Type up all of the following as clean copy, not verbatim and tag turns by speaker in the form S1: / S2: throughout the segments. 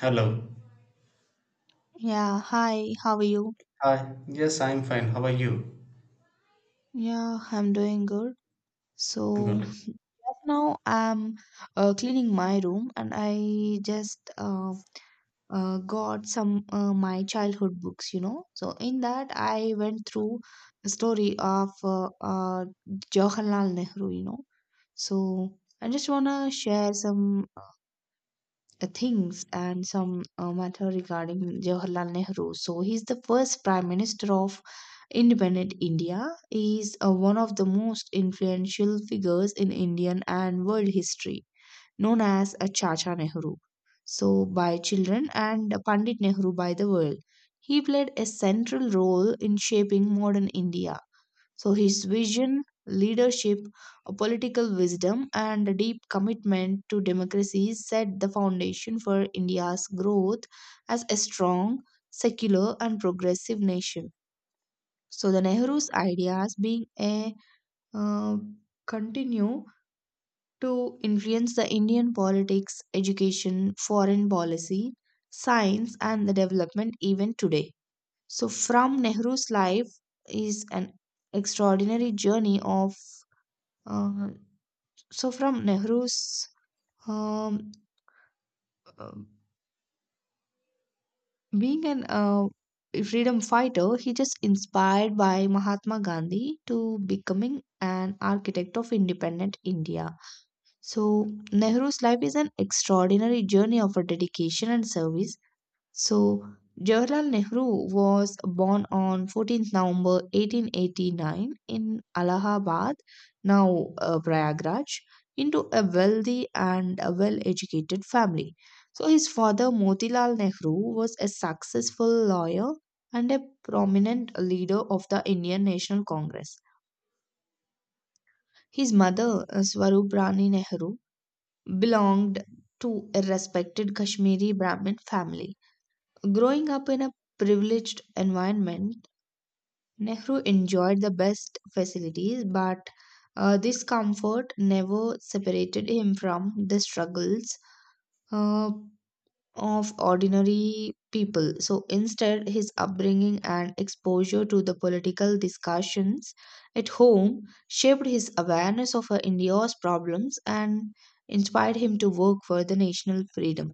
S1: Hello.
S2: Yeah, hi, how are you?
S1: Hi. Yes, I'm fine. How are you?
S2: Yeah, I'm doing good. So
S1: Good.
S2: just now I'm cleaning my room and I just got some my childhood books. So in that I went through the story of Jawaharlal Nehru. So I just wanna share some things and some matter regarding Jawaharlal Nehru. So he's the first Prime Minister of independent India. He is one of the most influential figures in Indian and world history, known as a Chacha Nehru. So by children, and Pandit Nehru by the world. He played a central role in shaping modern India, so his vision, leadership, a political wisdom, and a deep commitment to democracy set the foundation for India's growth as a strong, secular, and progressive nation. So the Nehru's ideas being a uh, continue to influence the Indian politics, education, foreign policy, science, and the development even today. So from Nehru's life is an extraordinary journey of uh, so from Nehru's um, uh, being an freedom fighter, he just inspired by Mahatma Gandhi to becoming an architect of independent India. So Nehru's life is an extraordinary journey of a dedication and service. So, Jawaharlal Nehru was born on 14th November 1889 in Allahabad, now Prayagraj, into a wealthy and a well educated family. So, his father Motilal Nehru was a successful lawyer and a prominent leader of the Indian National Congress. His mother, Swarup Rani Nehru, belonged to a respected Kashmiri Brahmin family. Growing up in a privileged environment, Nehru enjoyed the best facilities, but this comfort never separated him from the struggles uh, of ordinary people. So instead, his upbringing and exposure to the political discussions at home shaped his awareness of India's problems and inspired him to work for the national freedom.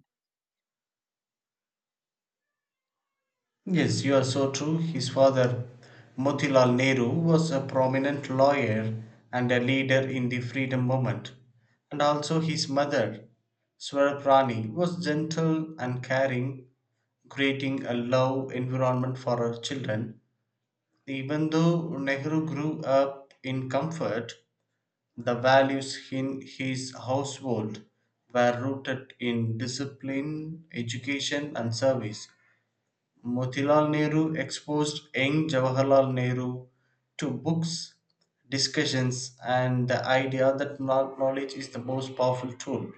S1: Yes, you are so true. His father, Motilal Nehru, was a prominent lawyer and a leader in the freedom movement. And also his mother, Swarprani, was gentle and caring, creating a love environment for her children. Even though Nehru grew up in comfort, the values in his household were rooted in discipline, education, and service. Motilal Nehru exposed young Jawaharlal Nehru to books, discussions, and the idea that knowledge is the most powerful tool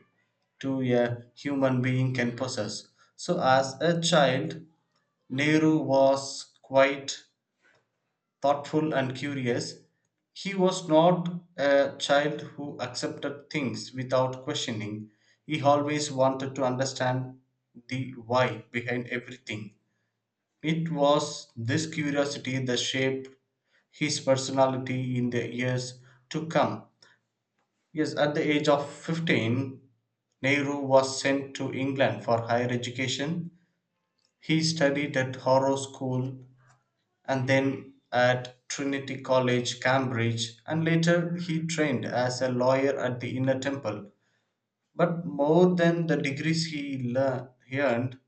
S1: to a human being can possess. So, as a child, Nehru was quite thoughtful and curious, he was not a child who accepted things without questioning. He always wanted to understand the why behind everything. It was this curiosity that shaped his personality in the years to come. Yes, at the age of 15, Nehru was sent to England for higher education. He studied at Harrow School and then at Trinity College, Cambridge, and later he trained as a lawyer at the Inner Temple. But more than the degrees he earned,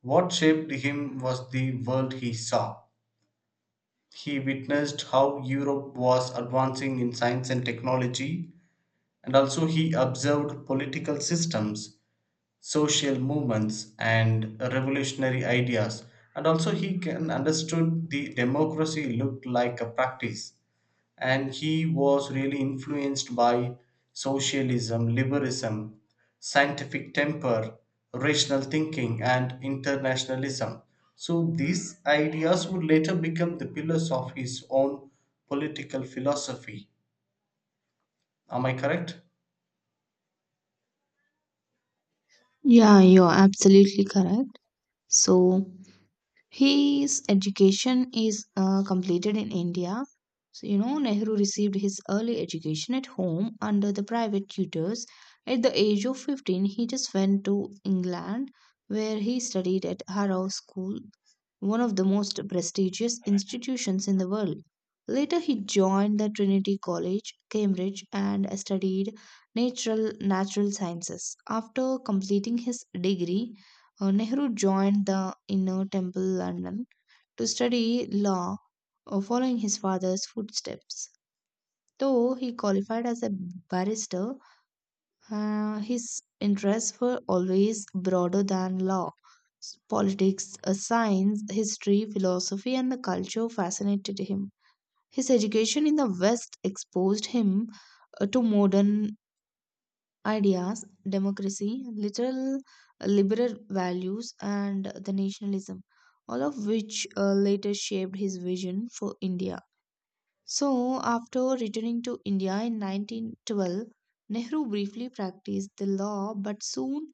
S1: what shaped him was the world he saw. He witnessed how Europe was advancing in science and technology, and also he observed political systems, social movements, and revolutionary ideas. And also he can understood the democracy looked like a practice, and he was really influenced by socialism, liberalism, scientific temper, rational thinking, and internationalism. So these ideas would later become the pillars of his own political philosophy. Am I correct?
S2: Yeah, you're absolutely correct. So, his education is completed in India. So, you know, Nehru received his early education at home under the private tutors. At the age of 15, he just went to England, where he studied at Harrow School, one of the most prestigious institutions in the world. Later, he joined the Trinity College, Cambridge, and studied natural sciences. After completing his degree, Nehru joined the Inner Temple London to study law, following his father's footsteps. Though he qualified as a barrister, his interests were always broader than law. Politics, science, history, philosophy, and the culture fascinated him. His education in the West exposed him to modern ideas, democracy, literal liberal values, and the nationalism, all of which later shaped his vision for India. So, after returning to India in 1912, Nehru briefly practiced the law but soon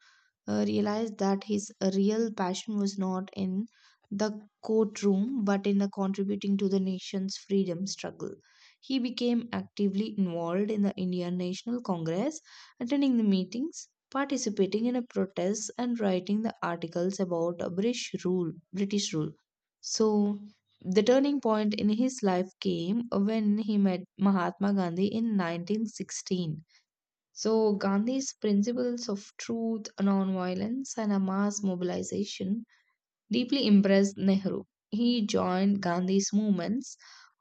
S2: realized that his real passion was not in the courtroom but in the contributing to the nation's freedom struggle. He became actively involved in the Indian National Congress, attending the meetings, participating in a protests, and writing the articles about a British rule. So the turning point in his life came when he met Mahatma Gandhi in 1916. So, Gandhi's principles of truth, nonviolence, and a mass mobilization deeply impressed Nehru. He joined Gandhi's movements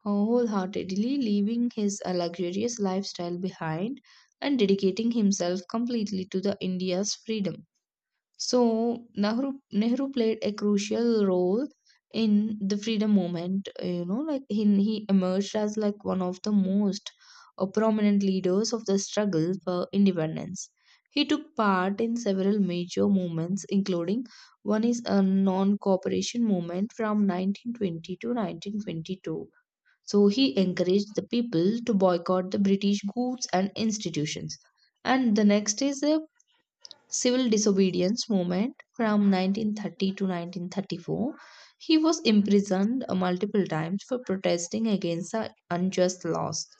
S2: wholeheartedly, leaving his luxurious lifestyle behind and dedicating himself completely to the India's freedom. So Nehru played a crucial role in the freedom movement. You know, like he emerged as like one of the most prominent leaders of the struggle for independence. He took part in several major movements, including one is a non-cooperation movement from 1920 to 1922. So he encouraged the people to boycott the British goods and institutions. And the next is a civil disobedience movement from 1930 to 1934. He was imprisoned multiple times for protesting against the unjust laws,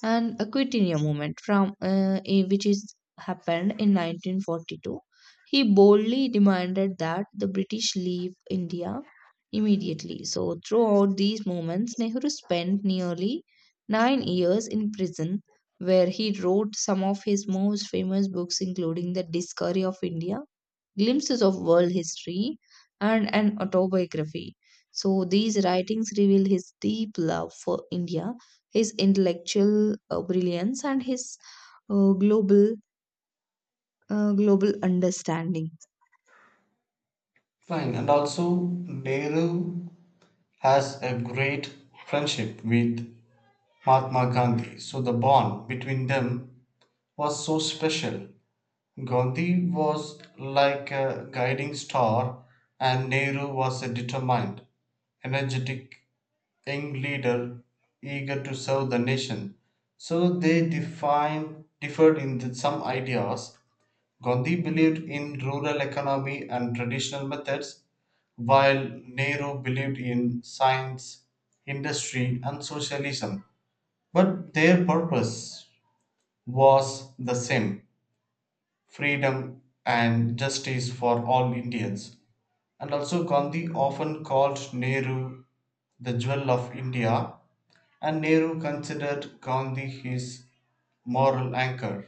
S2: and a Quitania movement from which is happened in 1942. He boldly demanded that the British leave India immediately. So throughout these moments, Nehru spent nearly 9 years in prison, where he wrote some of his most famous books, including The Discovery of India, Glimpses of World History, and an autobiography. So these writings reveal his deep love for India, his intellectual brilliance, and his uh, global global understanding.
S1: Fine. And also, Nehru has a great friendship with Mahatma Gandhi. So the bond between them was so special. Gandhi was like a guiding star, and Nehru was a determined, energetic young leader eager to serve the nation. So differed in some ideas. Gandhi believed in rural economy and traditional methods, while Nehru believed in science, industry, and socialism. But their purpose was the same: freedom and justice for all Indians. And also, Gandhi often called Nehru the jewel of India, and Nehru considered Gandhi his moral anchor.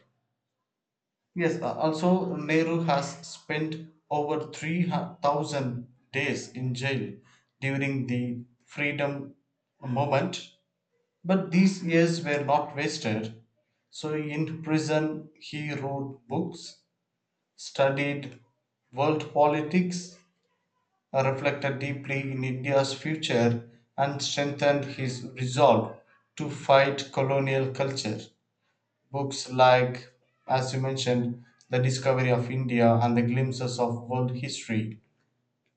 S1: Also, Nehru has spent over 3,000 days in jail during the freedom movement, but these years were not wasted. So, in prison, he wrote books, studied world politics, reflected deeply in India's future, and strengthened his resolve to fight colonial culture. Books like, as you mentioned, The Discovery of India and The Glimpses of World History,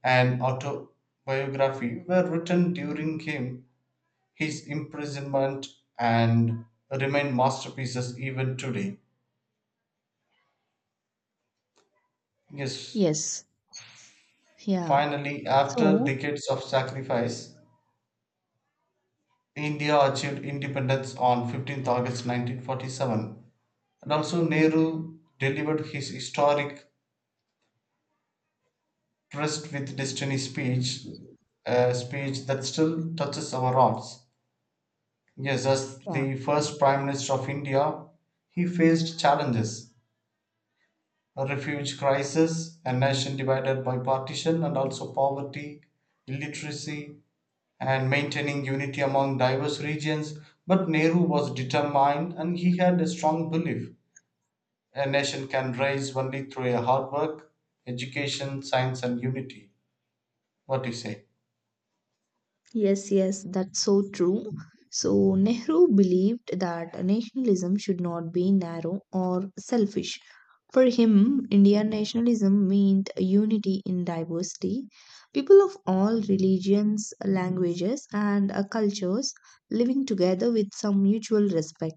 S1: an autobiography, were written during him, his imprisonment, and remain masterpieces even today. Yes,
S2: Yes, yeah.
S1: finally, after
S2: So
S1: decades of sacrifice, India achieved independence on 15th August 1947, and also Nehru delivered his historic Trust with Destiny speech, a speech that still touches our hearts. Yes, as
S2: yeah.
S1: the first Prime Minister of India, he faced challenges: a refuge crisis, a nation divided by partition, and also poverty, illiteracy, and maintaining unity among diverse regions. But Nehru was determined and he had a strong belief. A nation can rise only through a hard work, education, science, and unity. What do you say?
S2: Yes, yes, that's so true. So, Nehru believed that nationalism should not be narrow or selfish. For him, Indian nationalism meant unity in diversity. People of all religions, languages, and cultures living together with some mutual respect.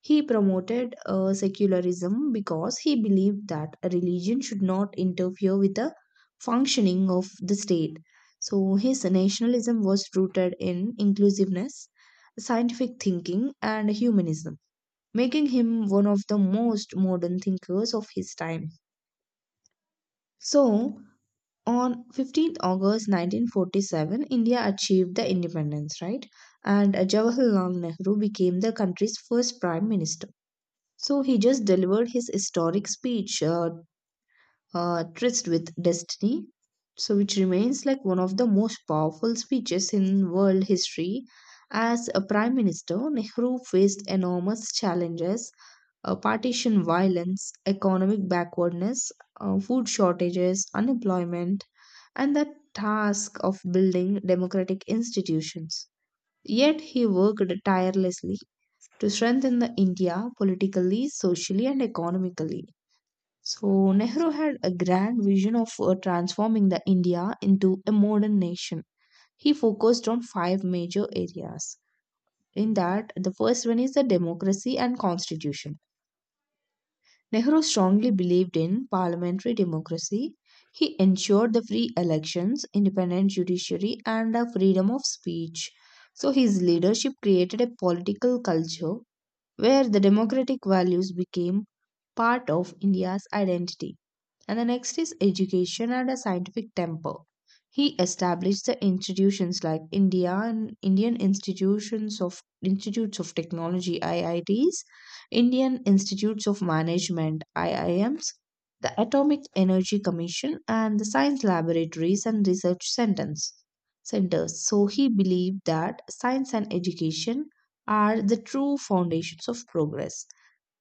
S2: He promoted secularism because he believed that a religion should not interfere with the functioning of the state. So his nationalism was rooted in inclusiveness, scientific thinking, and humanism, making him one of the most modern thinkers of his time. So on 15th August 1947, India achieved the independence, right? And Jawaharlal Nehru became the country's first prime minister. So he just delivered his historic speech tryst with destiny, so which remains like one of the most powerful speeches in world history. As a prime minister, Nehru faced enormous challenges: partition violence, economic backwardness, food shortages, unemployment, and the task of building democratic institutions. Yet he worked tirelessly to strengthen the India politically, socially, and economically. So Nehru had a grand vision of transforming the India into a modern nation. He focused on five major areas. In that, the first one is the democracy and constitution. Nehru strongly believed in parliamentary democracy. He ensured the free elections, independent judiciary, and the freedom of speech. So his leadership created a political culture where the democratic values became part of India's identity. And the next is education and a scientific temper. He established the institutions like India and Indian institutions of institutes of technology IITs, Indian institutes of management IIMs, the Atomic Energy Commission, and the science laboratories and research centers. So he believed that science and education are the true foundations of progress.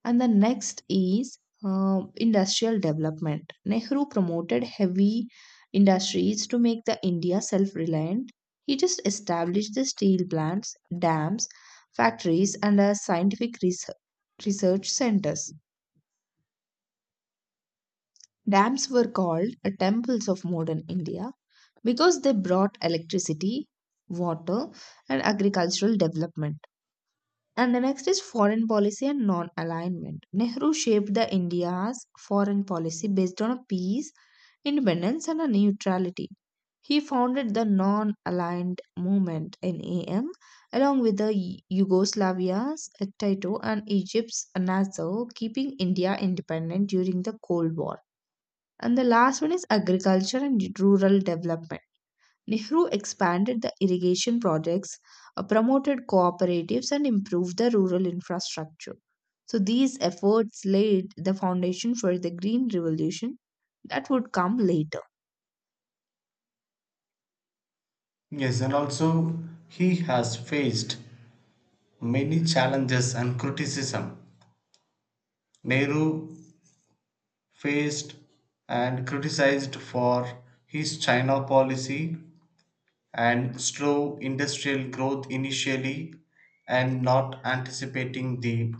S2: And the next is industrial development. Nehru promoted heavy industries to make the India self-reliant. He just established the steel plants, dams, factories, and scientific research centers. Dams were called temples of modern India because they brought electricity, water, and agricultural development. And the next is foreign policy and non alignment. Nehru shaped the India's foreign policy based on a peace, independence, and a neutrality. He founded the non aligned movement in AM along with the Yugoslavia's Tito and Egypt's Nassau, keeping India independent during the Cold War. And the last one is agriculture and rural development. Nehru expanded the irrigation projects, promoted cooperatives, and improved the rural infrastructure. So, these efforts laid the foundation for the Green Revolution that would come later.
S1: Yes, and also he has faced many challenges and criticism. Nehru faced and criticized for his China policy and slow industrial growth initially and not anticipating the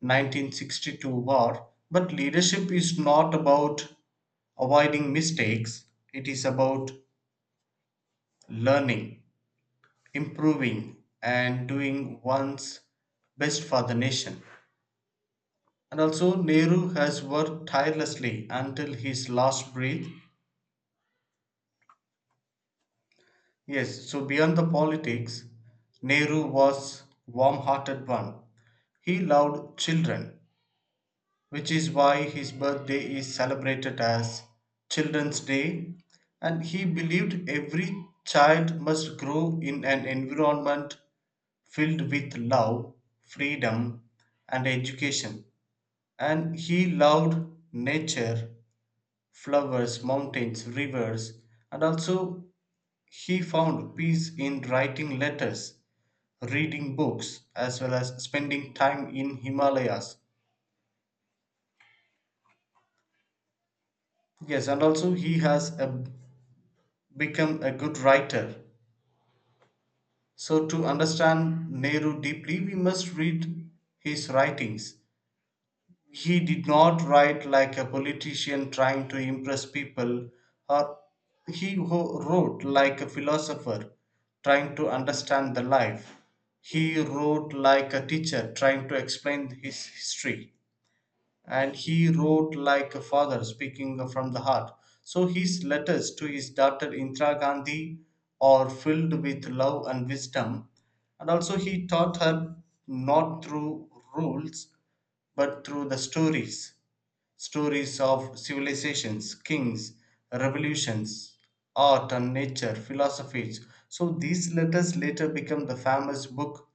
S1: 1962 war. But leadership is not about avoiding mistakes, it is about learning, improving, and doing one's best for the nation. And also, Nehru has worked tirelessly until his last breath. Yes, so beyond the politics, Nehru was warm hearted one. He loved children, which is why his birthday is celebrated as Children's Day. And he believed every child must grow in an environment filled with love, freedom, and education, and he loved nature, flowers, mountains, rivers, and also he found peace in writing letters, reading books, as well as spending time in Himalayas. Yes, and also he has a, become a good writer. So, to understand Nehru deeply, we must read his writings. He did not write like a politician trying to impress people, or he wrote like a philosopher trying to understand the life. He wrote like a teacher trying to explain his history, and he wrote like a father speaking from the heart. So his letters to his daughter Indira Gandhi are filled with love and wisdom, and also he taught her not through rules but through the stories. Stories of civilizations, kings, revolutions, art and nature, philosophies. So these letters later become the famous book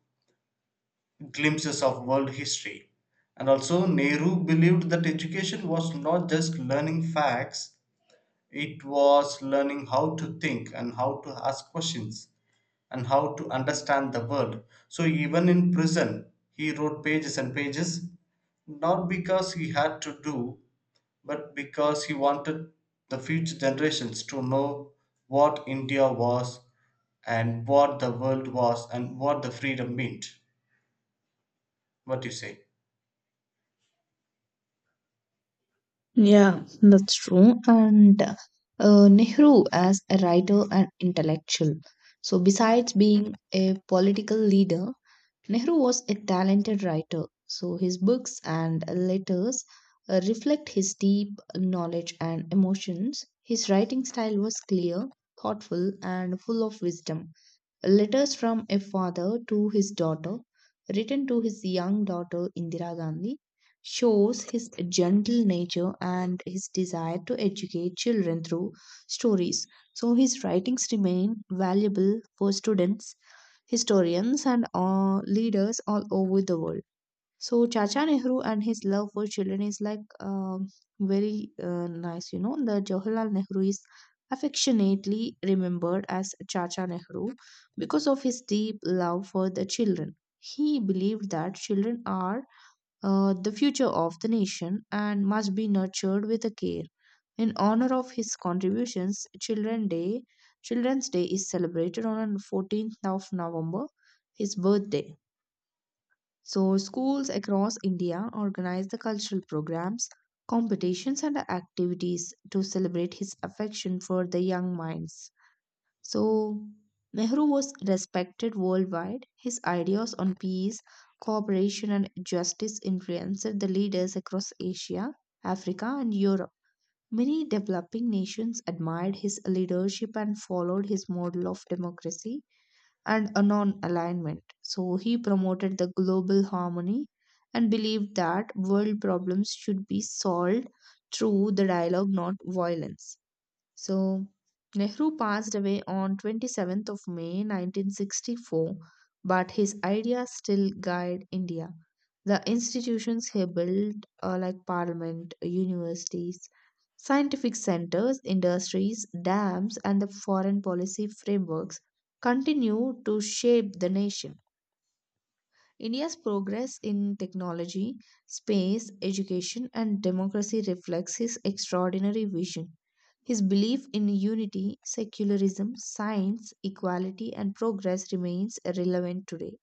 S1: Glimpses of World History. And also Nehru believed that education was not just learning facts, it was learning how to think and how to ask questions and how to understand the world. So even in prison, he wrote pages and pages, not because he had to do, but because he wanted the future generations to know what India was and what the world was and what the freedom meant. What do you say?
S2: That's true. And Nehru, as a writer and intellectual, so besides being a political leader, Nehru was a talented writer, so his books and letters reflect his deep knowledge and emotions. His writing style was clear, thoughtful, and full of wisdom. Letters from a father to his daughter, written to his young daughter Indira Gandhi, shows his gentle nature and his desire to educate children through stories. So his writings remain valuable for students, historians, and leaders all over the world. So Chacha Nehru and his love for children is like very nice. The Jawaharlal Nehru is affectionately remembered as Chacha Nehru because of his deep love for the children. He believed that children are the future of the nation and must be nurtured with a care. In honor of his contributions, Children's Day is celebrated on 14th of November, his birthday. So, schools across India organize the cultural programs, competitions, and activities to celebrate his affection for the young minds. So, Nehru was respected worldwide. His ideas on peace, cooperation, and justice influenced the leaders across Asia, Africa, and Europe. Many developing nations admired his leadership and followed his model of democracy and a non alignment. So he promoted the global harmony and believed that world problems should be solved through the dialogue, not violence. So, Nehru passed away on 27th of May 1964, but his ideas still guide India. The institutions he built, like parliament, universities, scientific centers, industries, dams, and the foreign policy frameworks, continue to shape the nation. India's progress in technology, space, education, and democracy reflects his extraordinary vision. His belief in unity, secularism, science, equality, and progress remains relevant today.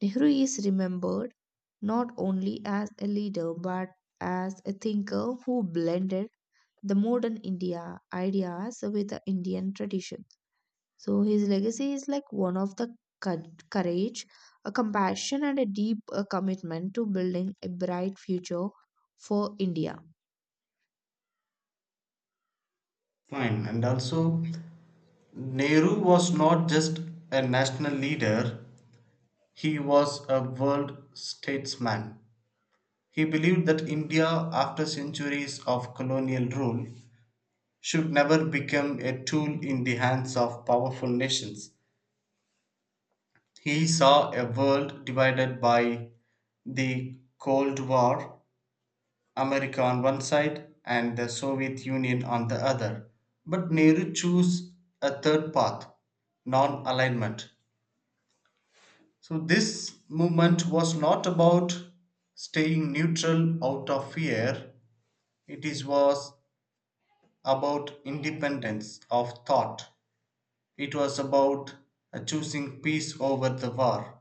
S2: Nehru is remembered not only as a leader but as a thinker who blended the modern India ideas with the Indian tradition. So his legacy is like one of the courage, a compassion, and a deep commitment to building a bright future for India.
S1: Fine. And also, Nehru was not just a national leader, he was a world statesman. He believed that India, after centuries of colonial rule, should never become a tool in the hands of powerful nations. He saw a world divided by the Cold War, America on one side and the Soviet Union on the other. But Nehru chose a third path, non alignment. So, this movement was not about staying neutral out of fear, it was about independence of thought. It was about choosing peace over the war,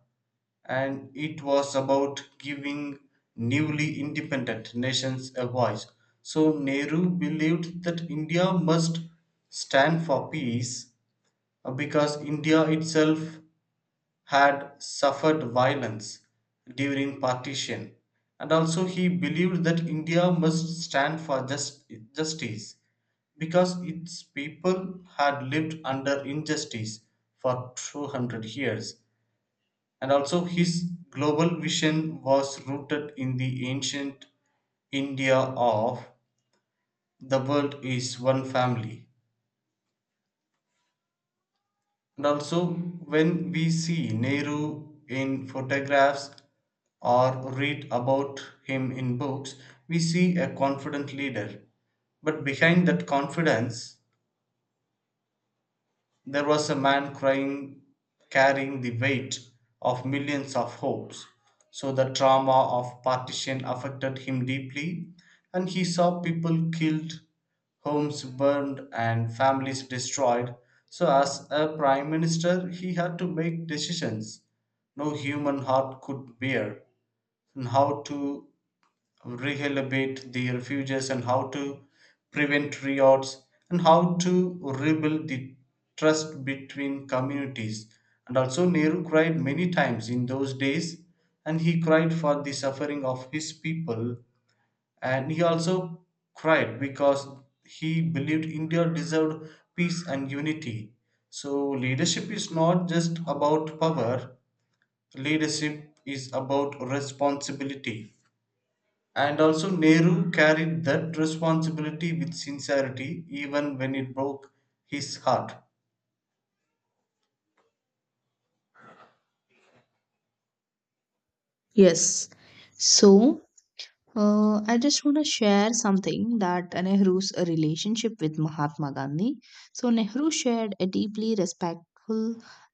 S1: and it was about giving newly independent nations a voice. So Nehru believed that India must stand for peace because India itself had suffered violence during partition. And also, he believed that India must stand for justice because its people had lived under injustice for 200 years, and also his global vision was rooted in the ancient India of the world is one family. And also, when we see Nehru in photographs or read about him in books, we see a confident leader. But behind that confidence, there was a man crying, carrying the weight of millions of hopes. So the trauma of partition affected him deeply, and he saw people killed, homes burned, and families destroyed. So, as a prime minister, he had to make decisions no human heart could bear on how to rehabilitate the refugees and how to prevent riots and how to rebuild the trust between communities. And also, Nehru cried many times in those days and he cried for the suffering of his people. And he also cried because he believed India deserved peace and unity. So, leadership is not just about power, leadership is about responsibility. And also, Nehru carried that responsibility with sincerity, even when it broke his heart.
S2: Yes. So I just want to share something that Nehru's relationship with Mahatma Gandhi. So, Nehru shared a deeply respectful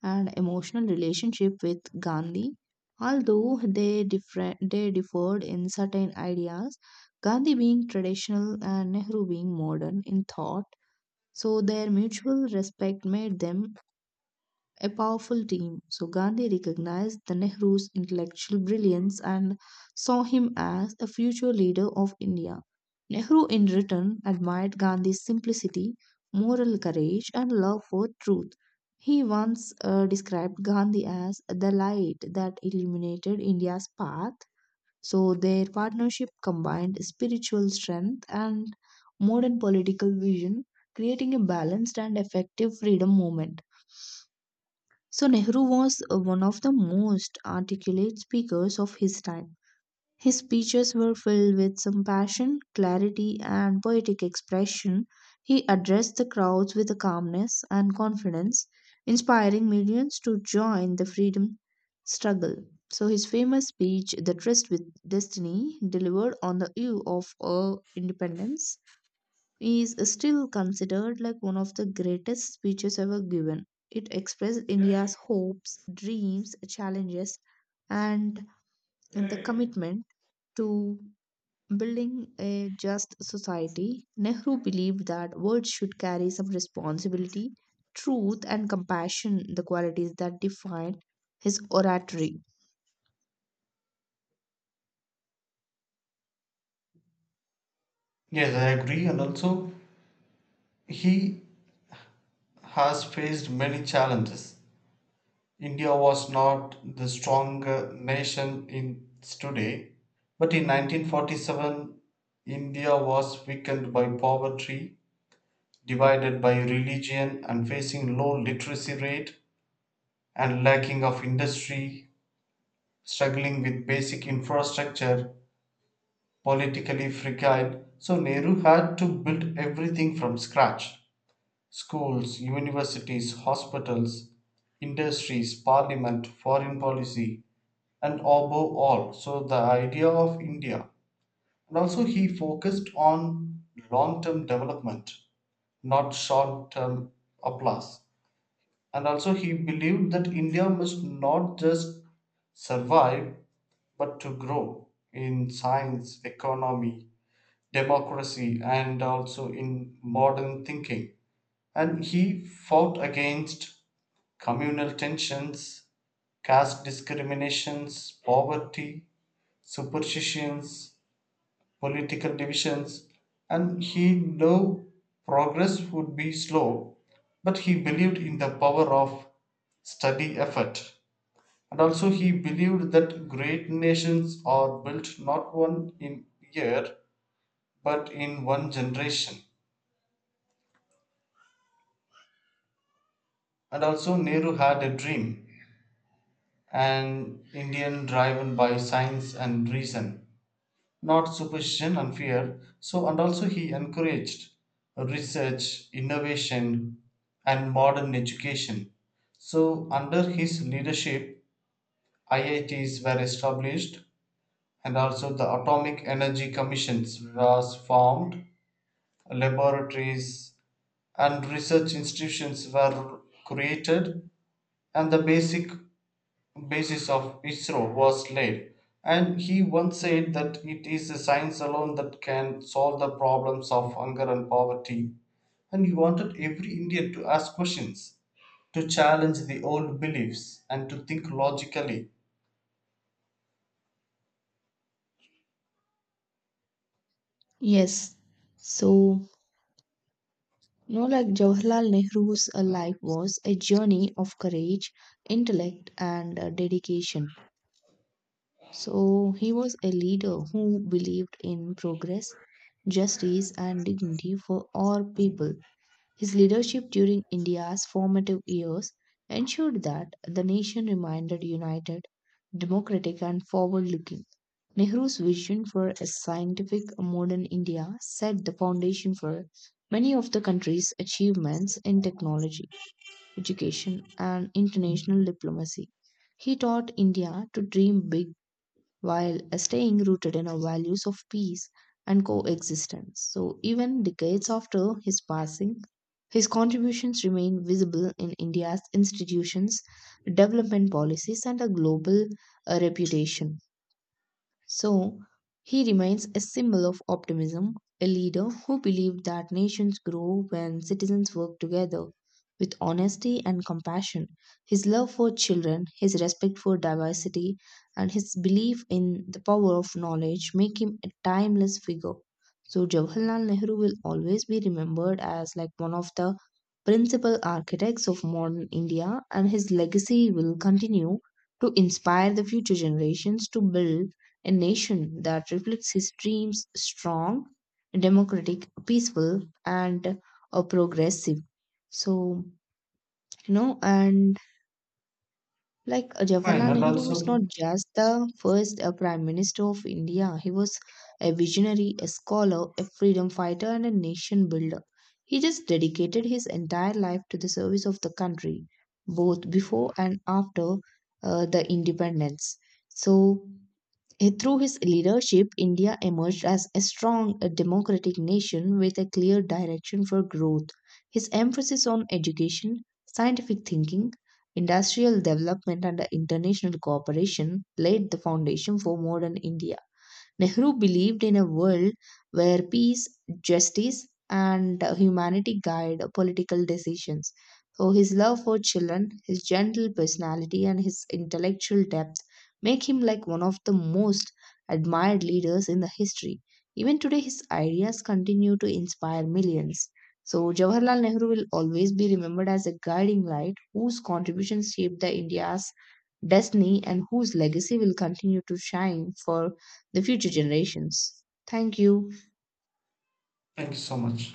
S2: and emotional relationship with Gandhi. Although they, they differed in certain ideas, Gandhi being traditional and Nehru being modern in thought, so their mutual respect made them a powerful team. So Gandhi recognized the Nehru's intellectual brilliance and saw him as a future leader of India. Nehru, in return, admired Gandhi's simplicity, moral courage, and love for truth. He once described Gandhi as the light that illuminated India's path. So their partnership combined spiritual strength and modern political vision, creating a balanced and effective freedom movement. So Nehru was one of the most articulate speakers of his time. His speeches were filled with some passion, clarity, and poetic expression. He addressed the crowds with a calmness and confidence, inspiring millions to join the freedom struggle. So his famous speech, The Tryst with Destiny, delivered on the eve of independence, is still considered like one of the greatest speeches ever given. It expressed India's hopes, dreams, challenges, and the commitment to building a just society. Nehru believed that words should carry some responsibility, truth, and compassion, the qualities that defined his oratory.
S1: Yes, I agree. And also, he has faced many challenges. India was not the stronger nation in today, but in 1947, India was weakened by poverty, divided by religion, and facing low literacy rate and lacking of industry, struggling with basic infrastructure, politically fragile. So Nehru had to build everything from scratch: schools, universities, hospitals, industries, parliament, foreign policy, and above all, so the idea of India. And also, he focused on long term development, not short term applause. And also, he believed that India must not just survive but to grow in science, economy, democracy and also in modern thinking, and he fought against communal tensions, caste discriminations, poverty, superstitions, political divisions, and he knew progress would be slow, but he believed in the power of steady effort. And also, he believed that great nations are built not one in year but in one generation. And also, Nehru had a dream: an Indian driven by science and reason, not superstition and fear. So, and also, he encouraged research, innovation, and modern education. So, under his leadership, IITs were established, and also the Atomic Energy Commissions was formed, laboratories and research institutions were created, and the basic basis of ISRO was laid. And he once said that it is a science alone that can solve the problems of hunger and poverty. And he wanted every Indian to ask questions, to challenge the old beliefs, and to think logically.
S2: Yes. So no, like Jawaharlal Nehru's life was a journey of courage, intellect, and dedication. So he was a leader who believed in progress, justice, and dignity for all people. His leadership during India's formative years ensured that the nation remained united, democratic, and forward looking. Nehru's vision for a scientific modern India set the foundation for many of the country's achievements in technology, education, and international diplomacy. He taught India to dream big while staying rooted in our values of peace and coexistence. So, even decades after his passing, his contributions remain visible in India's institutions, development policies, and a global reputation. So he remains a symbol of optimism, a leader who believed that nations grow when citizens work together with honesty and compassion. His love for children, his respect for diversity, and his belief in the power of knowledge make him a timeless figure. So Jawaharlal Nehru will always be remembered as like one of the principal architects of modern India, and his legacy will continue to inspire the future generations to build a nation that reflects his dreams strong, democratic, peaceful, and progressive. So, you know, and like
S1: Fine,
S2: Jawaharlal
S1: and
S2: Nehru was not
S1: also,
S2: just the first prime minister of India, he was a visionary, a scholar, a freedom fighter, and a nation builder. He just dedicated his entire life to the service of the country, both before and after the independence. So, through his leadership, India emerged as a strong democratic nation with a clear direction for growth. His emphasis on education, scientific thinking, industrial development, and international cooperation laid the foundation for modern India. Nehru believed in a world where peace, justice, and humanity guide political decisions. So, his love for children, his gentle personality, and his intellectual depth make him like one of the most admired leaders in the history. Even today, his ideas continue to inspire millions. So, Jawaharlal Nehru will always be remembered as a guiding light whose contributions shaped the India's destiny and whose legacy will continue to shine for the future generations. Thank you.
S1: thank you so much.